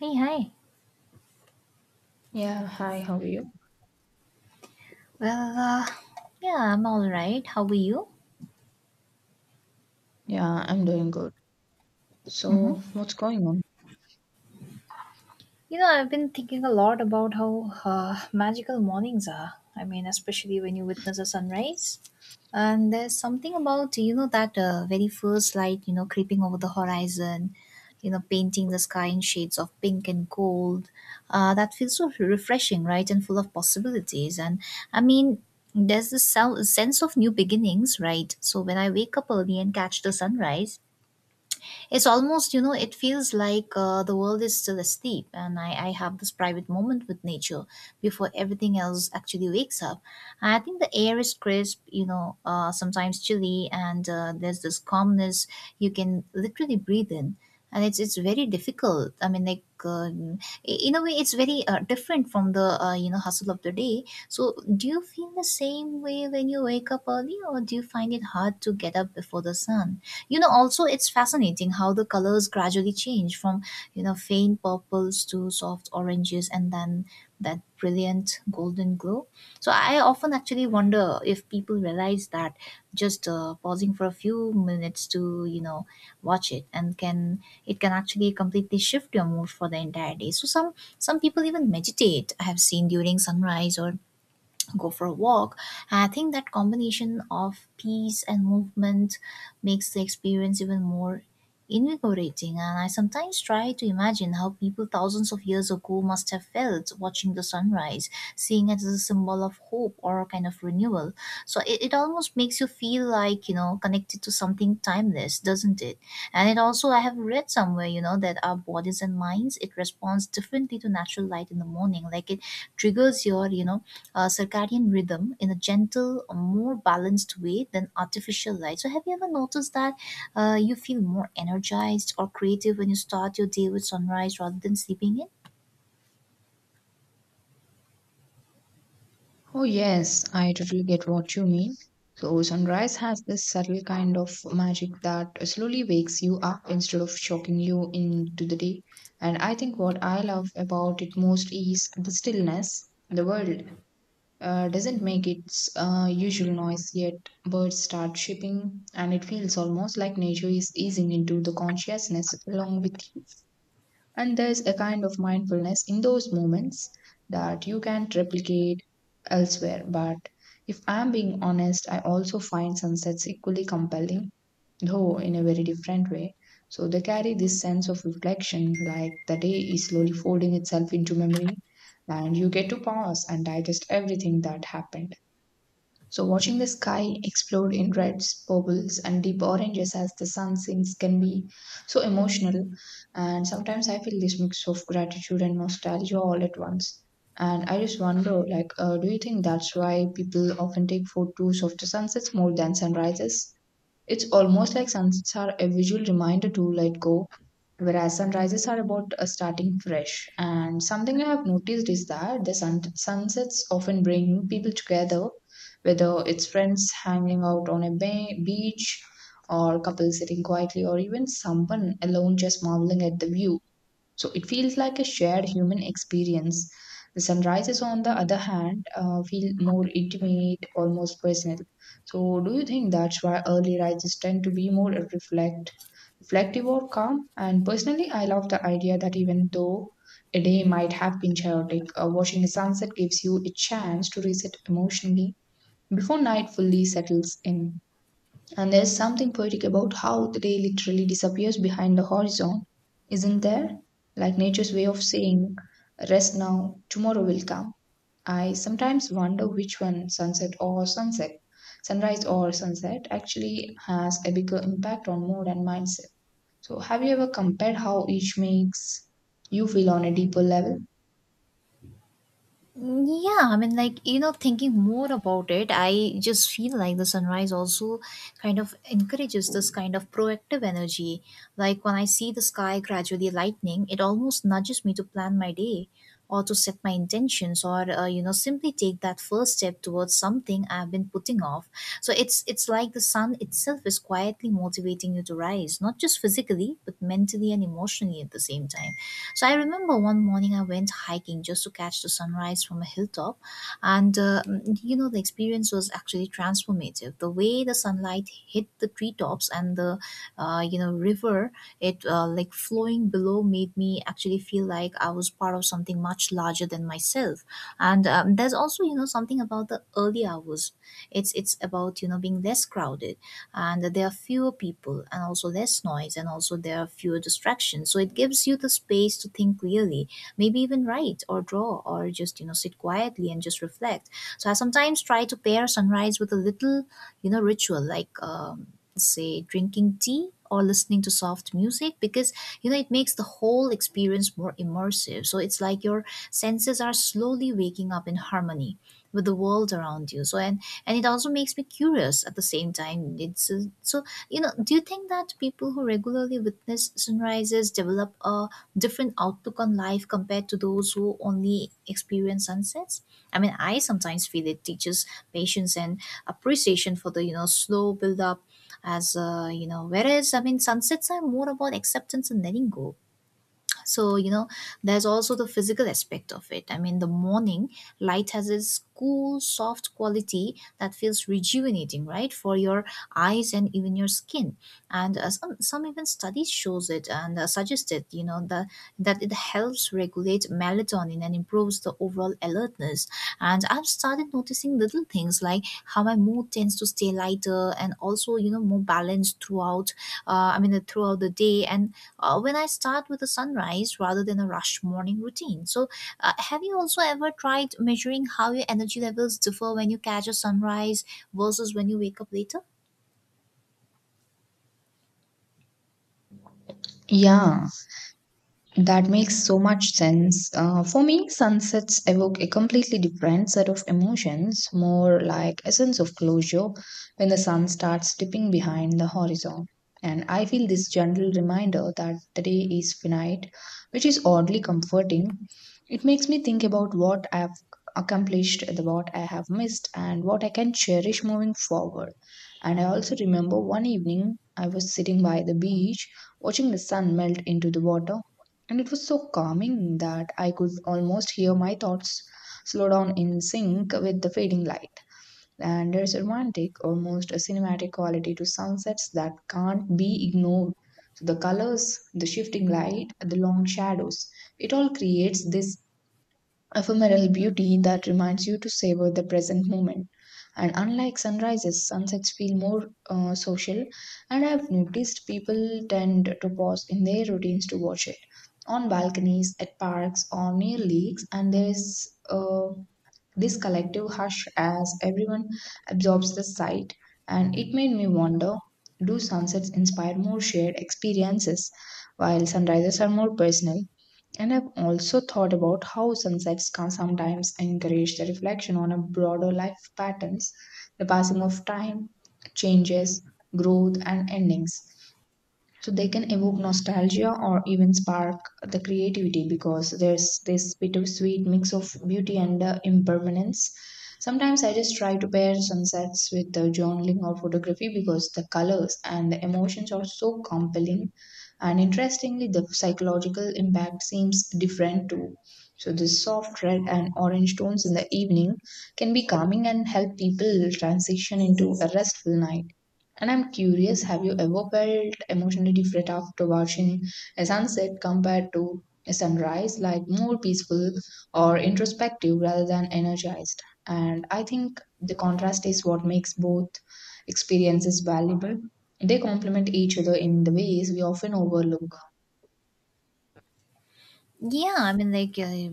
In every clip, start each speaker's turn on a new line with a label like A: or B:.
A: Hey, hi.
B: Yeah, hi, how are you?
A: Well, uh, yeah, I'm all right. How are you?
B: Yeah, I'm doing good.
A: hmm
B: So, what's going on?
A: You know, I've been thinking a lot about how magical mornings are. I mean, especially when you witness a sunrise. And there's something about, you know, that very first light, you know, creeping over the horizon, you know, painting the sky in shades of pink and gold. That feels so refreshing, right? And full of possibilities. I mean, there's this sense of new beginnings, right? So when I wake up early and catch the sunrise, it's almost, you know, it feels like the world is still asleep, and I have this private moment with nature before everything else actually wakes up. I think the air is crisp, you know, sometimes chilly, and there's this calmness you can literally breathe in. And it's very difficult. In a way, it's very different from the hustle of the day. So, do you feel the same way when you wake up early, or do you find it hard to get up before the sun? You know, also, it's fascinating how the colors gradually change from, you know, faint purples to soft oranges, and then that brilliant golden glow. So I often actually wonder if people realize that just pausing for a few minutes to, you know, watch it, and can it can actually completely shift your mood for the entire day. So some people even meditate, I have seen, during sunrise, or go for a walk. And I think that combination of peace and movement makes the experience even more invigorating. And I sometimes try to imagine how people thousands of years ago must have felt watching the sunrise, seeing it as a symbol of hope or a kind of renewal. So it almost makes you feel like, you know, connected to something timeless, doesn't it? And it also, I have read somewhere, you know, that our bodies and minds, it responds differently to natural light in the morning. Like, it triggers your, you know, circadian rhythm in a gentle, more balanced way than artificial light. So, have you ever noticed that you feel more energized or creative when you start your day with sunrise rather than sleeping in?
B: Oh, yes, I totally get what you mean. So, sunrise has this subtle kind of magic that slowly wakes you up instead of shocking you into the day. And I think what I love about it most is the stillness. The world doesn't make its usual noise yet. Birds start chirping, and it feels almost like nature is easing into the consciousness along with you. And there's a kind of mindfulness in those moments that you can't replicate elsewhere. But if I'm being honest, I also find sunsets equally compelling, though in a very different way. So they carry this sense of reflection, like the day is slowly folding itself into memory, and you get to pause and digest everything that happened. So, watching the sky explode in reds, purples, and deep oranges as the sun sinks can be so emotional. And sometimes I feel this mix of gratitude and nostalgia all at once. And I just wonder, like, do you think that's why people often take photos of the sunsets more than sunrises? It's almost like sunsets are a visual reminder to let go. Whereas sunrises are about starting fresh. And something I have noticed is that the sunsets often bring people together, whether it's friends hanging out on a beach, or couples sitting quietly, or even someone alone just marveling at the view. So it feels like a shared human experience. The sunrises, on the other hand, feel more intimate, almost personal. So, do you think that's why early rises tend to be more reflective or calm? And personally, I love the idea that even though a day might have been chaotic, watching a sunset gives you a chance to reset emotionally before night fully settles in. And there's something poetic about how the day literally disappears behind the horizon, isn't there? Like nature's way of saying, rest now, tomorrow will come. I sometimes wonder which one, sunrise or sunset, actually has a bigger impact on mood and mindset. So, have you ever compared how each makes you feel on a deeper level?
A: Mm, yeah, I mean, like, you know, thinking more about it, I just feel like the sunrise also kind of encourages this kind of proactive energy. Like, when I see the sky gradually lightening, it almost nudges me to plan my day, or to set my intentions, or you know, simply take that first step towards something I've been putting off. So it's like the sun itself is quietly motivating you to rise, not just physically but mentally and emotionally at the same time. So I remember one morning I went hiking just to catch the sunrise from a hilltop, and you know, the experience was actually transformative. The way the sunlight hit the treetops and the river, it like, flowing below, made me actually feel like I was part of something much larger than myself. And there's also, you know, something about the early hours. It's about, you know, being less crowded, and there are fewer people, and also less noise, and also there are fewer distractions. So it gives you the space to think clearly, maybe even write or draw, or just, you know, sit quietly and just reflect. So I sometimes try to pair sunrise with a little, you know, ritual, like, say, drinking tea or listening to soft music, because, you know, it makes the whole experience more immersive. So it's like your senses are slowly waking up in harmony with the world around you. So, and it also makes me curious at the same time. It's so, you know, do you think that people who regularly witness sunrises develop a different outlook on life compared to those who only experience sunsets? I mean, I sometimes feel it teaches patience and appreciation for the, you know, slow build up, as you know, whereas, I mean, sunsets are more about acceptance and letting go. So, you know, there's also the physical aspect of it. I mean, the morning light has this cool, soft quality that feels rejuvenating, right, for your eyes and even your skin. And some even studies shows it, and suggested, you know, that it helps regulate melatonin and improves the overall alertness. And I've started noticing little things, like how my mood tends to stay lighter and also, you know, more balanced throughout, throughout the day, and when I start with a sunrise rather than a rush morning routine. So, have you also ever tried measuring how your energy levels differ when you catch a sunrise versus when you wake up later?
B: Yeah, that makes so much sense. For me, sunsets evoke a completely different set of emotions, more like a sense of closure when the sun starts dipping behind the horizon. And I feel this gentle reminder that the day is finite, which is oddly comforting. It makes me think about what I have accomplished, the what I have missed, and what I can cherish moving forward. And I also remember one evening I was sitting by the beach watching the sun melt into the water, and it was so calming that I could almost hear my thoughts slow down in sync with the fading light. And there's a romantic, almost a cinematic quality to sunsets that can't be ignored. So the colors, the shifting light, the long shadows, it all creates this ephemeral beauty that reminds you to savor the present moment. And unlike sunrises, sunsets feel more social, and I've noticed people tend to pause in their routines to watch it on balconies, at parks, or near lakes. And there is this collective hush as everyone absorbs the sight. And it made me wonder, do sunsets inspire more shared experiences, while sunrises are more personal? And I've also thought about how sunsets can sometimes encourage the reflection on a broader life patterns, the passing of time, changes, growth, and endings, so they can evoke nostalgia or even spark the creativity because there's this bittersweet mix of beauty and impermanence. Sometimes I just try to pair sunsets with the journaling or photography because the colors and the emotions are so compelling. And interestingly, the psychological impact seems different too. So the soft red and orange tones in the evening can be calming and help people transition into a restful night. And I'm curious, have you ever felt emotionally different after watching a sunset compared to a sunrise, like more peaceful or introspective rather than energized? And I think the contrast is what makes both experiences valuable. They complement each other in the ways we often overlook.
A: Yeah, I mean, like,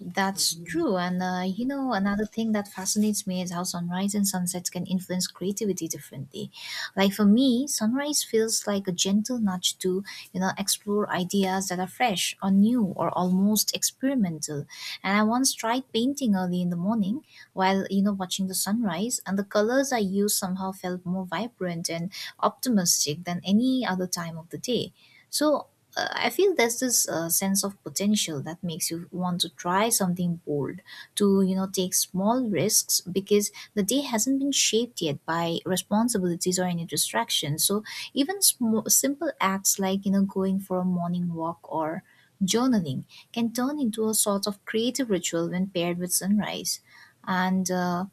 A: that's true. And, you know, another thing that fascinates me is how sunrise and sunsets can influence creativity differently. Like, for me, sunrise feels like a gentle nudge to, you know, explore ideas that are fresh or new or almost experimental. And I once tried painting early in the morning while, you know, watching the sunrise, and the colors I used somehow felt more vibrant and optimistic than any other time of the day. So, I feel there's this sense of potential that makes you want to try something bold, to, you know, take small risks, because the day hasn't been shaped yet by responsibilities or any distractions. So even simple acts, like, you know, going for a morning walk or journaling, can turn into a sort of creative ritual when paired with sunrise, and. Uh,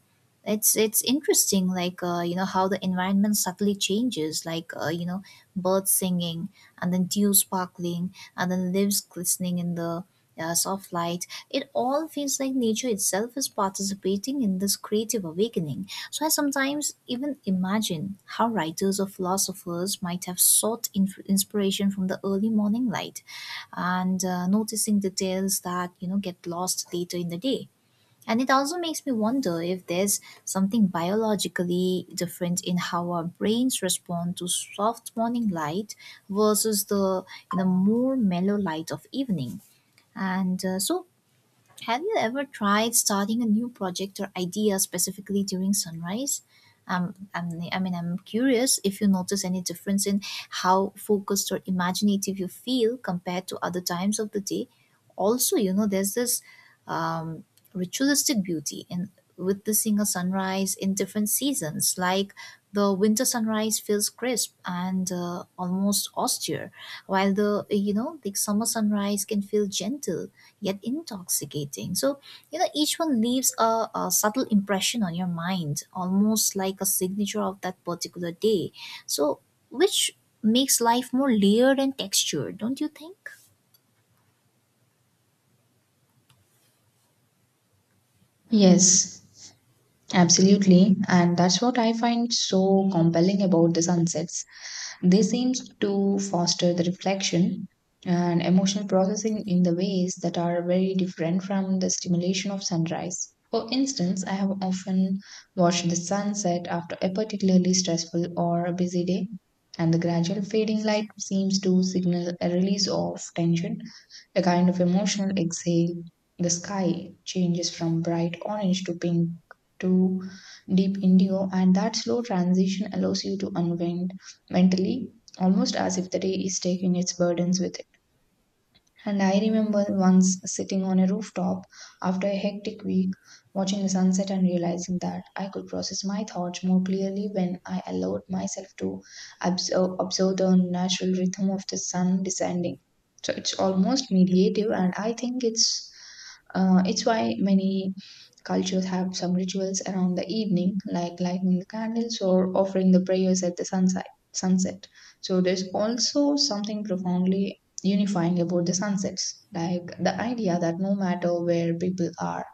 A: it's it's interesting, like, you know, how the environment subtly changes, like, you know, birds singing, and then dew sparkling, and then leaves glistening in the soft light. It all feels like nature itself is participating in this creative awakening. So I sometimes even imagine how writers or philosophers might have sought inspiration from the early morning light, and noticing details that, you know, get lost later in the day. And it also makes me wonder if there's something biologically different in how our brains respond to soft morning light versus the more mellow light of evening. And so, have you ever tried starting a new project or idea specifically during sunrise? I'm curious if you notice any difference in how focused or imaginative you feel compared to other times of the day. Also, you know, there's this um, ritualistic beauty in witnessing a sunrise in different seasons. Like, the winter sunrise feels crisp and almost austere, while the, you know, the summer sunrise can feel gentle yet intoxicating. So, you know, each one leaves a subtle impression on your mind, almost like a signature of that particular day. So, which makes life more layered and textured, don't you think?
B: Yes, absolutely. And that's what I find so compelling about the sunsets. They seems to foster the reflection and emotional processing in the ways that are very different from the stimulation of sunrise. For instance, I have often watched the sunset after a particularly stressful or a busy day, and the gradual fading light seems to signal a release of tension, a kind of emotional exhale. The sky changes from bright orange to pink to deep indigo, and that slow transition allows you to unwind mentally, almost as if the day is taking its burdens with it. And I remember once sitting on a rooftop after a hectic week, watching the sunset and realizing that I could process my thoughts more clearly when I allowed myself to observe the natural rhythm of the sun descending. So it's almost meditative, and I think it's it's why many cultures have some rituals around the evening, like lighting the candles or offering the prayers at the sunset. Sunset. So there's also something profoundly unifying about the sunsets. Like the idea that no matter where people are,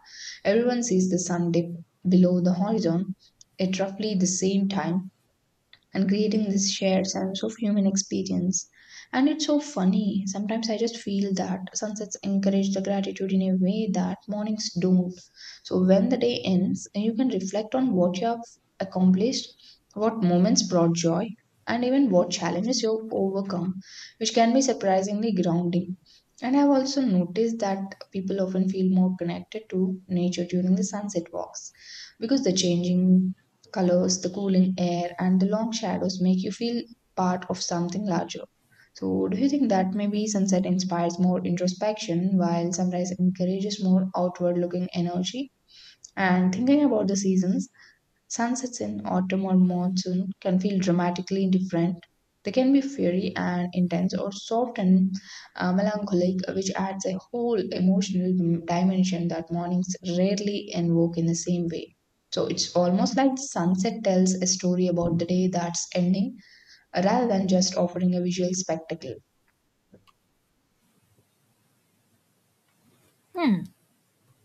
B: everyone sees the sun dip below the horizon at roughly the same time, and creating this shared sense of human experience. And it's so funny. Sometimes I just feel that sunsets encourage the gratitude in a way that mornings don't. So when the day ends, you can reflect on what you have accomplished, what moments brought joy, and even what challenges you've overcome, which can be surprisingly grounding. And I've also noticed that people often feel more connected to nature during the sunset walks because the changing colors, the cooling air, and the long shadows make you feel part of something larger. So, do you think that maybe sunset inspires more introspection while sunrise encourages more outward looking energy? And thinking about the seasons, sunsets in autumn or monsoon can feel dramatically different. They can be fiery and intense, or soft and melancholic, which adds a whole emotional dimension that mornings rarely invoke in the same way. So it's almost like the sunset tells a story about the day that's ending, rather than just offering a visual spectacle.
A: Hmm.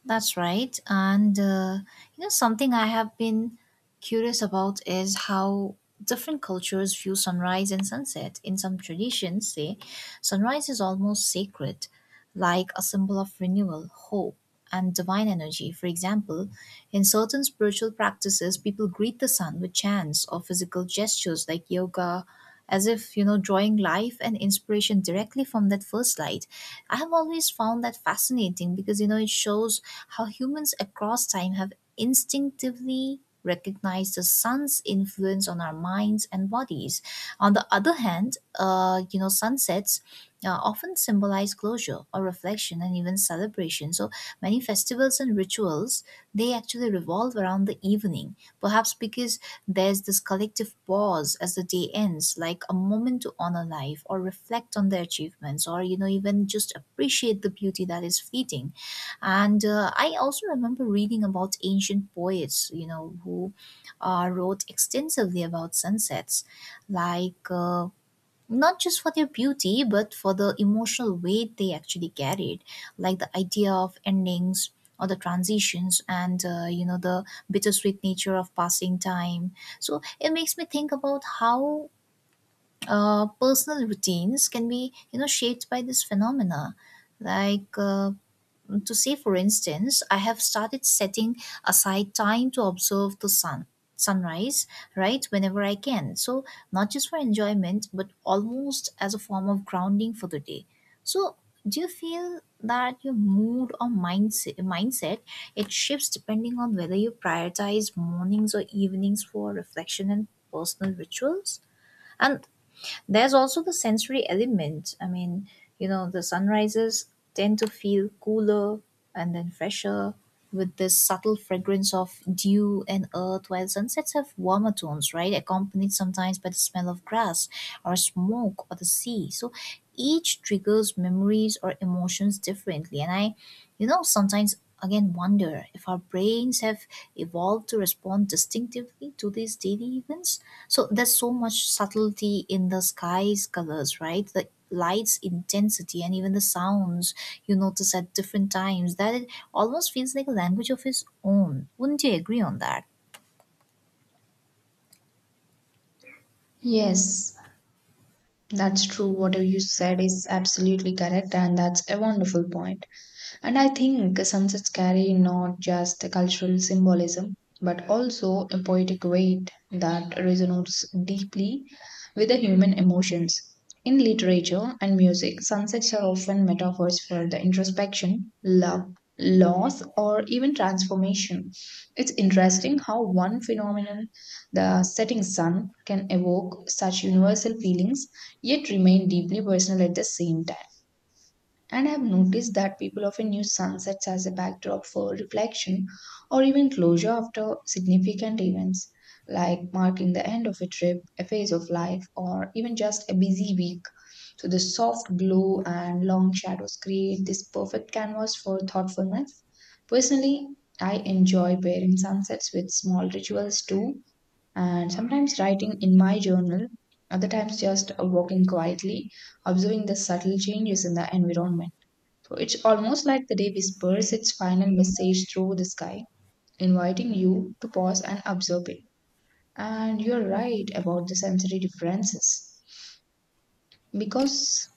A: That's right. And you know, something I have been curious about is how different cultures view sunrise and sunset. In some traditions, say, sunrise is almost sacred, like a symbol of renewal, hope, and divine energy. For example, in certain spiritual practices, people greet the sun with chants or physical gestures like yoga, as if, you know, drawing life and inspiration directly from that first light. I have always found that fascinating because, you know, it shows how humans across time have instinctively recognized the sun's influence on our minds and bodies. On the other hand, you know, sunsets often symbolize closure or reflection and even celebration. So many festivals and rituals, they actually revolve around the evening, perhaps because there's this collective pause as the day ends, like a moment to honor life or reflect on their achievements, or, you know, even just appreciate the beauty that is fleeting. And I also remember reading about ancient poets, you know, who wrote extensively about sunsets, like, not just for their beauty, but for the emotional weight they actually carried, like the idea of endings or the transitions, and, you know, the bittersweet nature of passing time. So it makes me think about how personal routines can be, you know, shaped by this phenomena. Like, to say, for instance, I have started setting aside time to observe the sunrise, right, whenever I can. So, not just for enjoyment, but almost as a form of grounding for the day. So, do you feel that your mood or mindset, it shifts depending on whether you prioritize mornings or evenings for reflection and personal rituals? And there's also the sensory element. I mean, the sunrises tend to feel cooler and then fresher with this subtle fragrance of dew and earth, while sunsets have warmer tones, right? Accompanied sometimes by the smell of grass or smoke or the sea. So each triggers memories or emotions differently. And I sometimes again wonder if our brains have evolved to respond distinctively to these daily events. So there's so much subtlety in the sky's colors, right? The light's intensity and even the sounds you notice at different times, that it almost feels like a language of its own. Wouldn't you agree on that?
B: Yes, that's true. Whatever you said is absolutely correct, and that's a wonderful point. And I think sunsets carry not just a cultural symbolism, but also a poetic weight that resonates deeply with the human emotions. In literature and music, sunsets are often metaphors for the introspection, love, loss, or even transformation. It's interesting how one phenomenon, the setting sun, can evoke such universal feelings yet remain deeply personal at the same time. And I've noticed that people often use sunsets as a backdrop for reflection or even closure after significant events, like marking the end of a trip, a phase of life, or even just a busy week. So the soft glow and long shadows create this perfect canvas for thoughtfulness. Personally, I enjoy pairing sunsets with small rituals too, and sometimes writing in my journal, other times just walking quietly, observing the subtle changes in the environment. So it's almost like the day whispers its final message through the sky, inviting you to pause and observe it. And you're right about the sensory differences. Because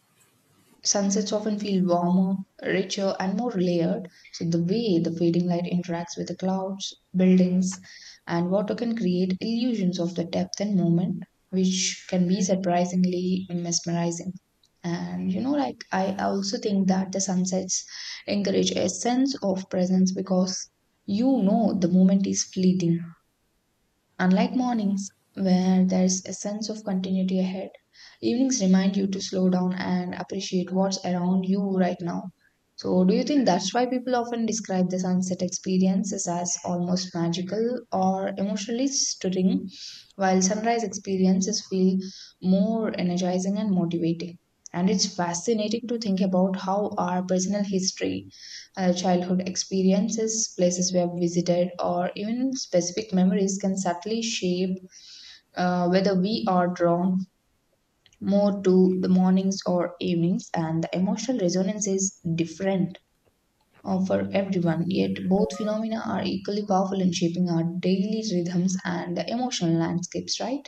B: sunsets often feel warmer, richer, and more layered. So, the way the fading light interacts with the clouds, buildings, and water can create illusions of the depth and moment, which can be surprisingly mesmerizing. And you know, like, I also think that the sunsets encourage a sense of presence because you know the moment is fleeting. Unlike mornings, where there's a sense of continuity ahead, evenings remind you to slow down and appreciate what's around you right now. So, do you think that's why people often describe the sunset experiences as almost magical or emotionally stirring, while sunrise experiences feel more energizing and motivating? And it's fascinating to think about how our personal history, childhood experiences, places we have visited, or even specific memories can subtly shape whether we are drawn more to the mornings or evenings, and the emotional resonance is different for everyone. Yet, both phenomena are equally powerful in shaping our daily rhythms and the emotional landscapes, right?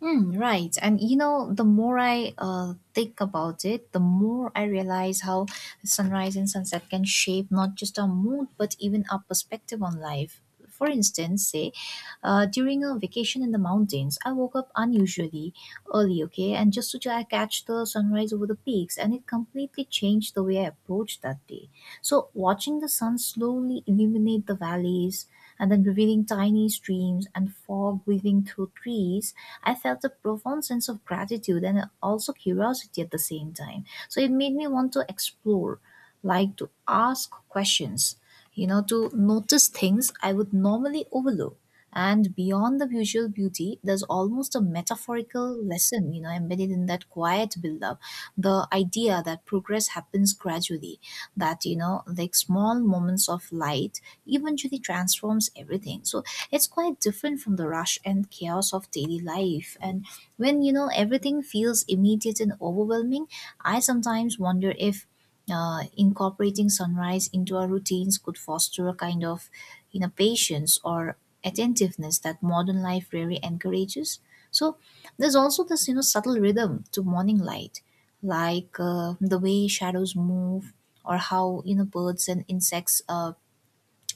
A: Mm, right. And you know, the more I think about it, the more I realize how sunrise and sunset can shape not just our mood, but even our perspective on life. For instance, say, during a vacation in the mountains, I woke up unusually early, okay, and just to try catch the sunrise over the peaks, and it completely changed the way I approached that day. So, watching the sun slowly illuminate the valleys and then revealing tiny streams and fog weaving through trees, I felt a profound sense of gratitude and also curiosity at the same time. So it made me want to explore, like to ask questions, you know, to notice things I would normally overlook. And beyond the visual beauty, there's almost a metaphorical lesson, you know, embedded in that quiet build-up. The idea that progress happens gradually, that you know, like small moments of light eventually transforms everything. So it's quite different from the rush and chaos of daily life. And when you know everything feels immediate and overwhelming, I sometimes wonder if incorporating sunrise into our routines could foster a kind of you know patience or attentiveness that modern life rarely encourages. So there's also this you know subtle rhythm to morning light, like the way shadows move or how you know birds and insects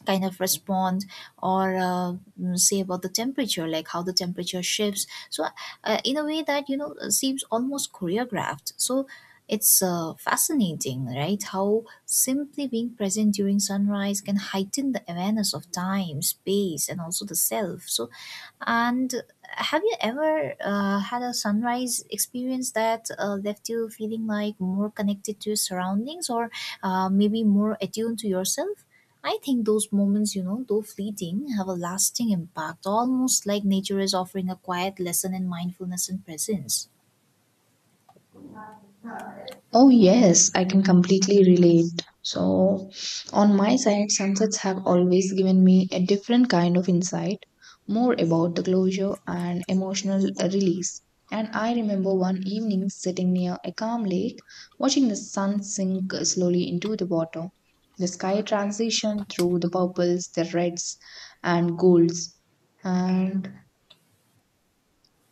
A: kind of respond, or say about the temperature, like how the temperature shifts, so in a way that you know seems almost choreographed. So it's fascinating, right, how simply being present during sunrise can heighten the awareness of time, space, and also the self. So and have you ever had a sunrise experience that left you feeling like more connected to your surroundings, or maybe more attuned to yourself? I think those moments, you know, though fleeting, have a lasting impact, almost like nature is offering a quiet lesson in mindfulness and presence.
B: Oh, yes, I can completely relate. So, on my side, sunsets have always given me a different kind of insight, more about the closure and emotional release. And I remember one evening sitting near a calm lake, watching the sun sink slowly into the water, the sky transition through the purples, the reds, and golds. And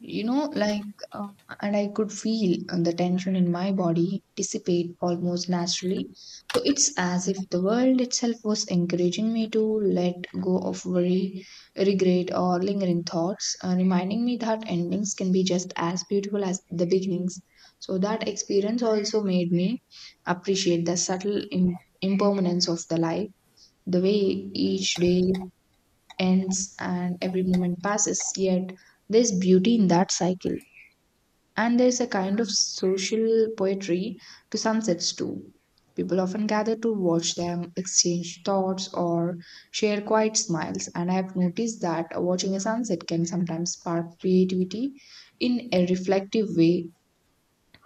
B: you know, like, uh, I could feel the tension in my body dissipate almost naturally. So it's as if the world itself was encouraging me to let go of worry, regret, or lingering thoughts, reminding me that endings can be just as beautiful as the beginnings. So that experience also made me appreciate the subtle impermanence of the life, the way each day ends and every moment passes, yet there's beauty in that cycle. And there's a kind of social poetry to sunsets too. People often gather to watch them, exchange thoughts, or share quiet smiles. And I've noticed that watching a sunset can sometimes spark creativity in a reflective way,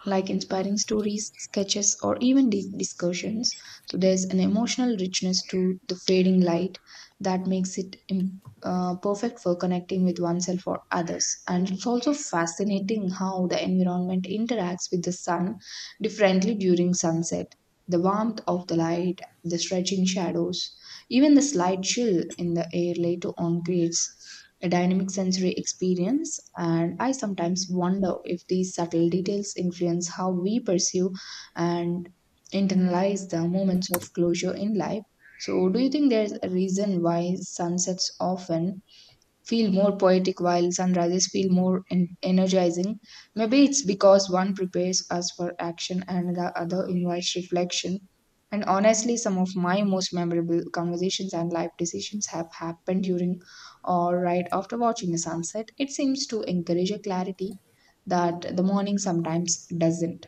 B: like inspiring stories, sketches, or even deep discussions. So there's an emotional richness to the fading light that makes it perfect for connecting with oneself or others. And it's also fascinating how the environment interacts with the sun differently during sunset. The warmth of the light, the stretching shadows, even the slight chill in the air later on creates a dynamic sensory experience. And I sometimes wonder if these subtle details influence how we perceive and internalize the moments of closure in life. So, do you think there's a reason why sunsets often feel more poetic while sunrises feel more energizing. Maybe it's because one prepares us for action and the other invites reflection. And honestly, some of my most memorable conversations and life decisions have happened during or right after watching a sunset. It seems to encourage a clarity that the morning sometimes doesn't.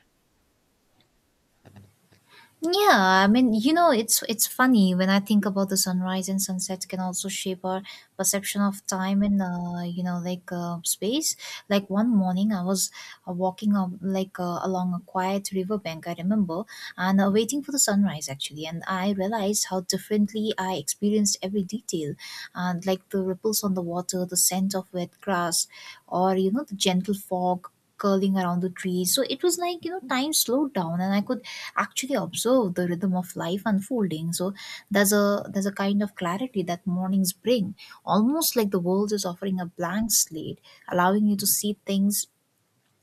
A: Yeah, I mean, you know, it's funny when I think about the sunrise and sunset can also shape our perception of time and you know, like space. Like one morning, I was walking up like along a quiet riverbank, I remember, and waiting for the sunrise actually, and I realized how differently I experienced every detail, and like the ripples on the water, the scent of wet grass, or you know, the gentle fog curling around the trees. So it was like you know time slowed down and I could actually observe the rhythm of life unfolding. So there's a kind of clarity that mornings bring, almost like the world is offering a blank slate, allowing you to see things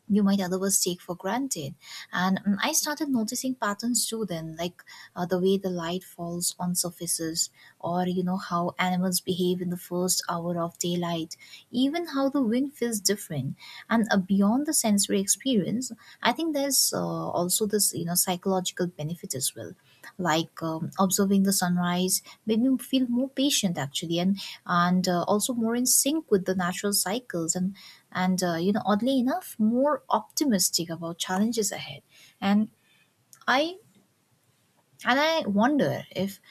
A: you might otherwise take for granted. And mm, I started noticing patterns too then, like the way the light falls on surfaces, or you know, how animals behave in the first hour of daylight, even how the wind feels different. And beyond the sensory experience, I think there's also this, you know, psychological benefit as well. Like observing the sunrise made me feel more patient actually, and also more in sync with the natural cycles, and you know oddly enough more optimistic about challenges ahead. And i and i wonder if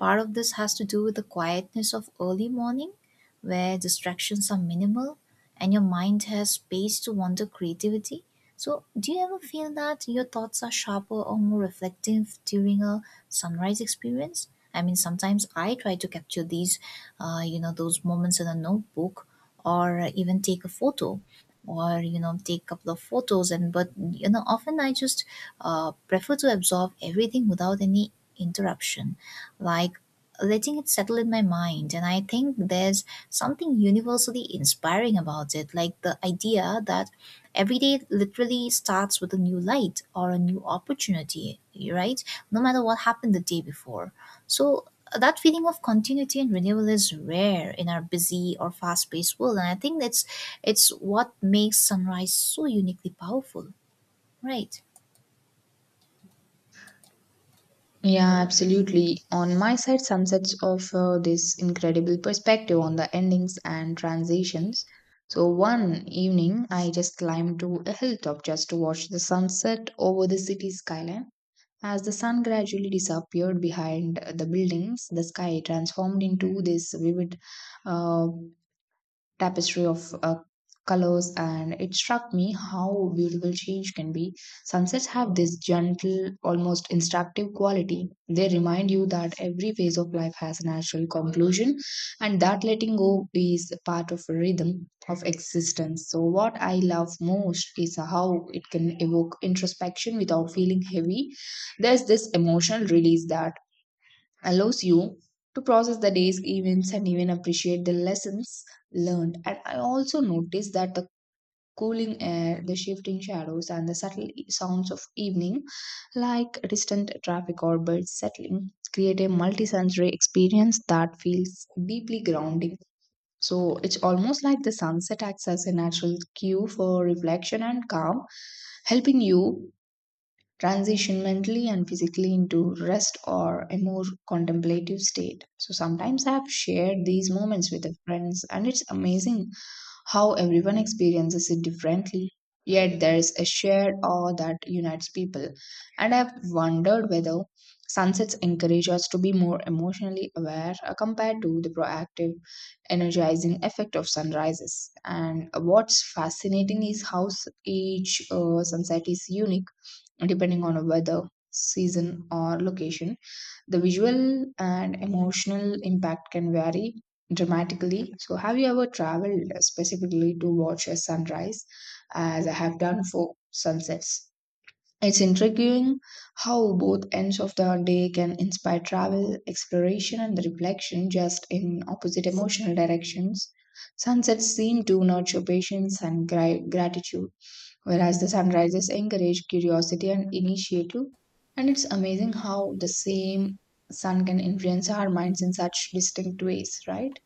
A: part of this has to do with the quietness of early morning, where distractions are minimal and your mind has space to wander creativity. So, do you ever feel that your thoughts are sharper or more reflective during a sunrise experience? I mean, sometimes I try to capture these, you know, those moments in a notebook, or even take a photo, or you know take a couple of photos, and but you know often I just prefer to absorb everything without any interruption, like letting it settle in my mind. And I think there's something universally inspiring about it, like the idea that every day literally starts with a new light or a new opportunity, right? No matter what happened the day before. So that feeling of continuity and renewal is rare in our busy or fast-paced world, and I think that's it's what makes sunrise so uniquely powerful, right?
B: Yeah, absolutely. On my side, sunsets offer this incredible perspective on the endings and transitions. So one evening, I just climbed to a hilltop just to watch the sunset over the city skyline. As the sun gradually disappeared behind the buildings, the sky transformed into this vivid, uh, tapestry of colors. And it struck me how beautiful change can be. Sunsets have this gentle, almost instructive quality. They remind you that every phase of life has a natural conclusion and that letting go is part of a rhythm of existence. So what I love most is how it can evoke introspection without feeling heavy. There's this emotional release that allows you to process the day's events and even appreciate the lessons learned. And I also noticed that the cooling air, the shifting shadows, and the subtle sounds of evening, like distant traffic or birds settling, create a multisensory experience that feels deeply grounding. So it's almost like the sunset acts as a natural cue for reflection and calm, helping you transition mentally and physically into rest or a more contemplative state. So sometimes I have shared these moments with friends, and it's amazing how everyone experiences it differently. Yet there's a shared awe that unites people. And I've wondered whether sunsets encourage us to be more emotionally aware compared to the proactive, energizing effect of sunrises. And what's fascinating is how each sunset is unique depending on weather, season, or location. The visual and emotional impact can vary dramatically. So, have you ever traveled specifically to watch a sunrise, as I have done for sunsets? It's intriguing how both ends of the day can inspire travel, exploration, and reflection, just in opposite emotional directions. Sunsets seem to nurture patience and gratitude, whereas the sunrises encourage curiosity and initiative. And it's amazing how the same sun can influence our minds in such distinct ways, right?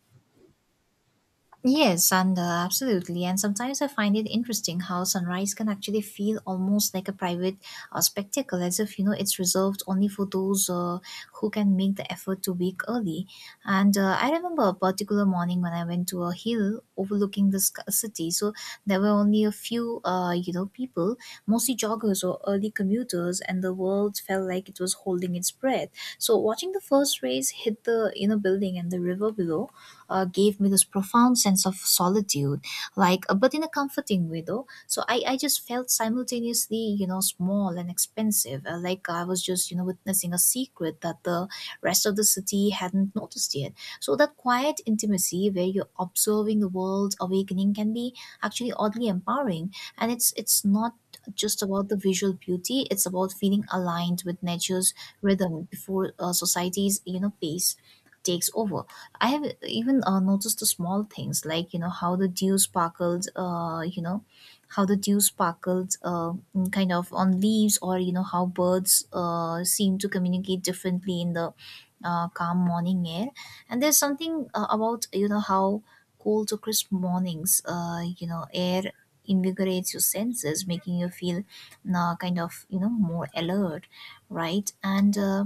A: Yes, and absolutely. And sometimes I find it interesting how sunrise can actually feel almost like a private spectacle, as if you know it's reserved only for those who can make the effort to wake early. And I remember a particular morning when I went to a hill overlooking the sc- city, so there were only a few, you know, people, mostly joggers or early commuters, and the world felt like it was holding its breath. So watching the first rays hit the you know building and the river below gave me this profound sense of solitude, like, but in a comforting way though. So I just felt simultaneously, you know, small and expensive, like I was just, you know, witnessing a secret that the rest of the city hadn't noticed yet. So that quiet intimacy where you're observing the world's awakening can be actually oddly empowering. And it's not just about the visual beauty, it's about feeling aligned with nature's rhythm before society's, you know, pace takes over. I have even noticed the small things, like you know how the dew sparkles, you know how the dew sparkles, mm, kind of on leaves, or you know how birds seem to communicate differently in the calm morning air. And there's something about you know how cold to crisp mornings, you know, air invigorates your senses, making you feel kind of you know more alert, right? And uh,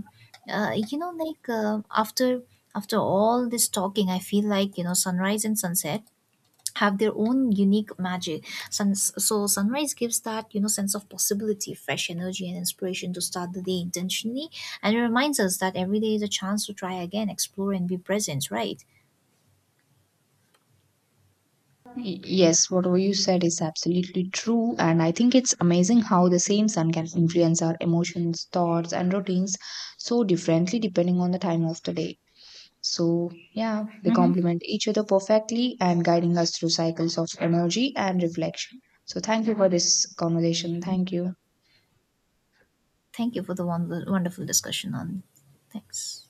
A: uh, you know, like after all this talking, I feel like, you know, sunrise and sunset have their own unique magic. So, sunrise gives that, you know, sense of possibility, fresh energy, and inspiration to start the day intentionally. And it reminds us that every day is a chance to try again, explore, and be present, right?
B: Yes, what you said is absolutely true, and I think it's amazing how the same sun can influence our emotions, thoughts, and routines so differently depending on the time of the day. So, yeah, they
A: Hmm.
B: complement each other perfectly and guiding us through cycles of energy and reflection. So, thank you for this conversation. Thank you.
A: Thank you for the wonderful discussion on. Thanks.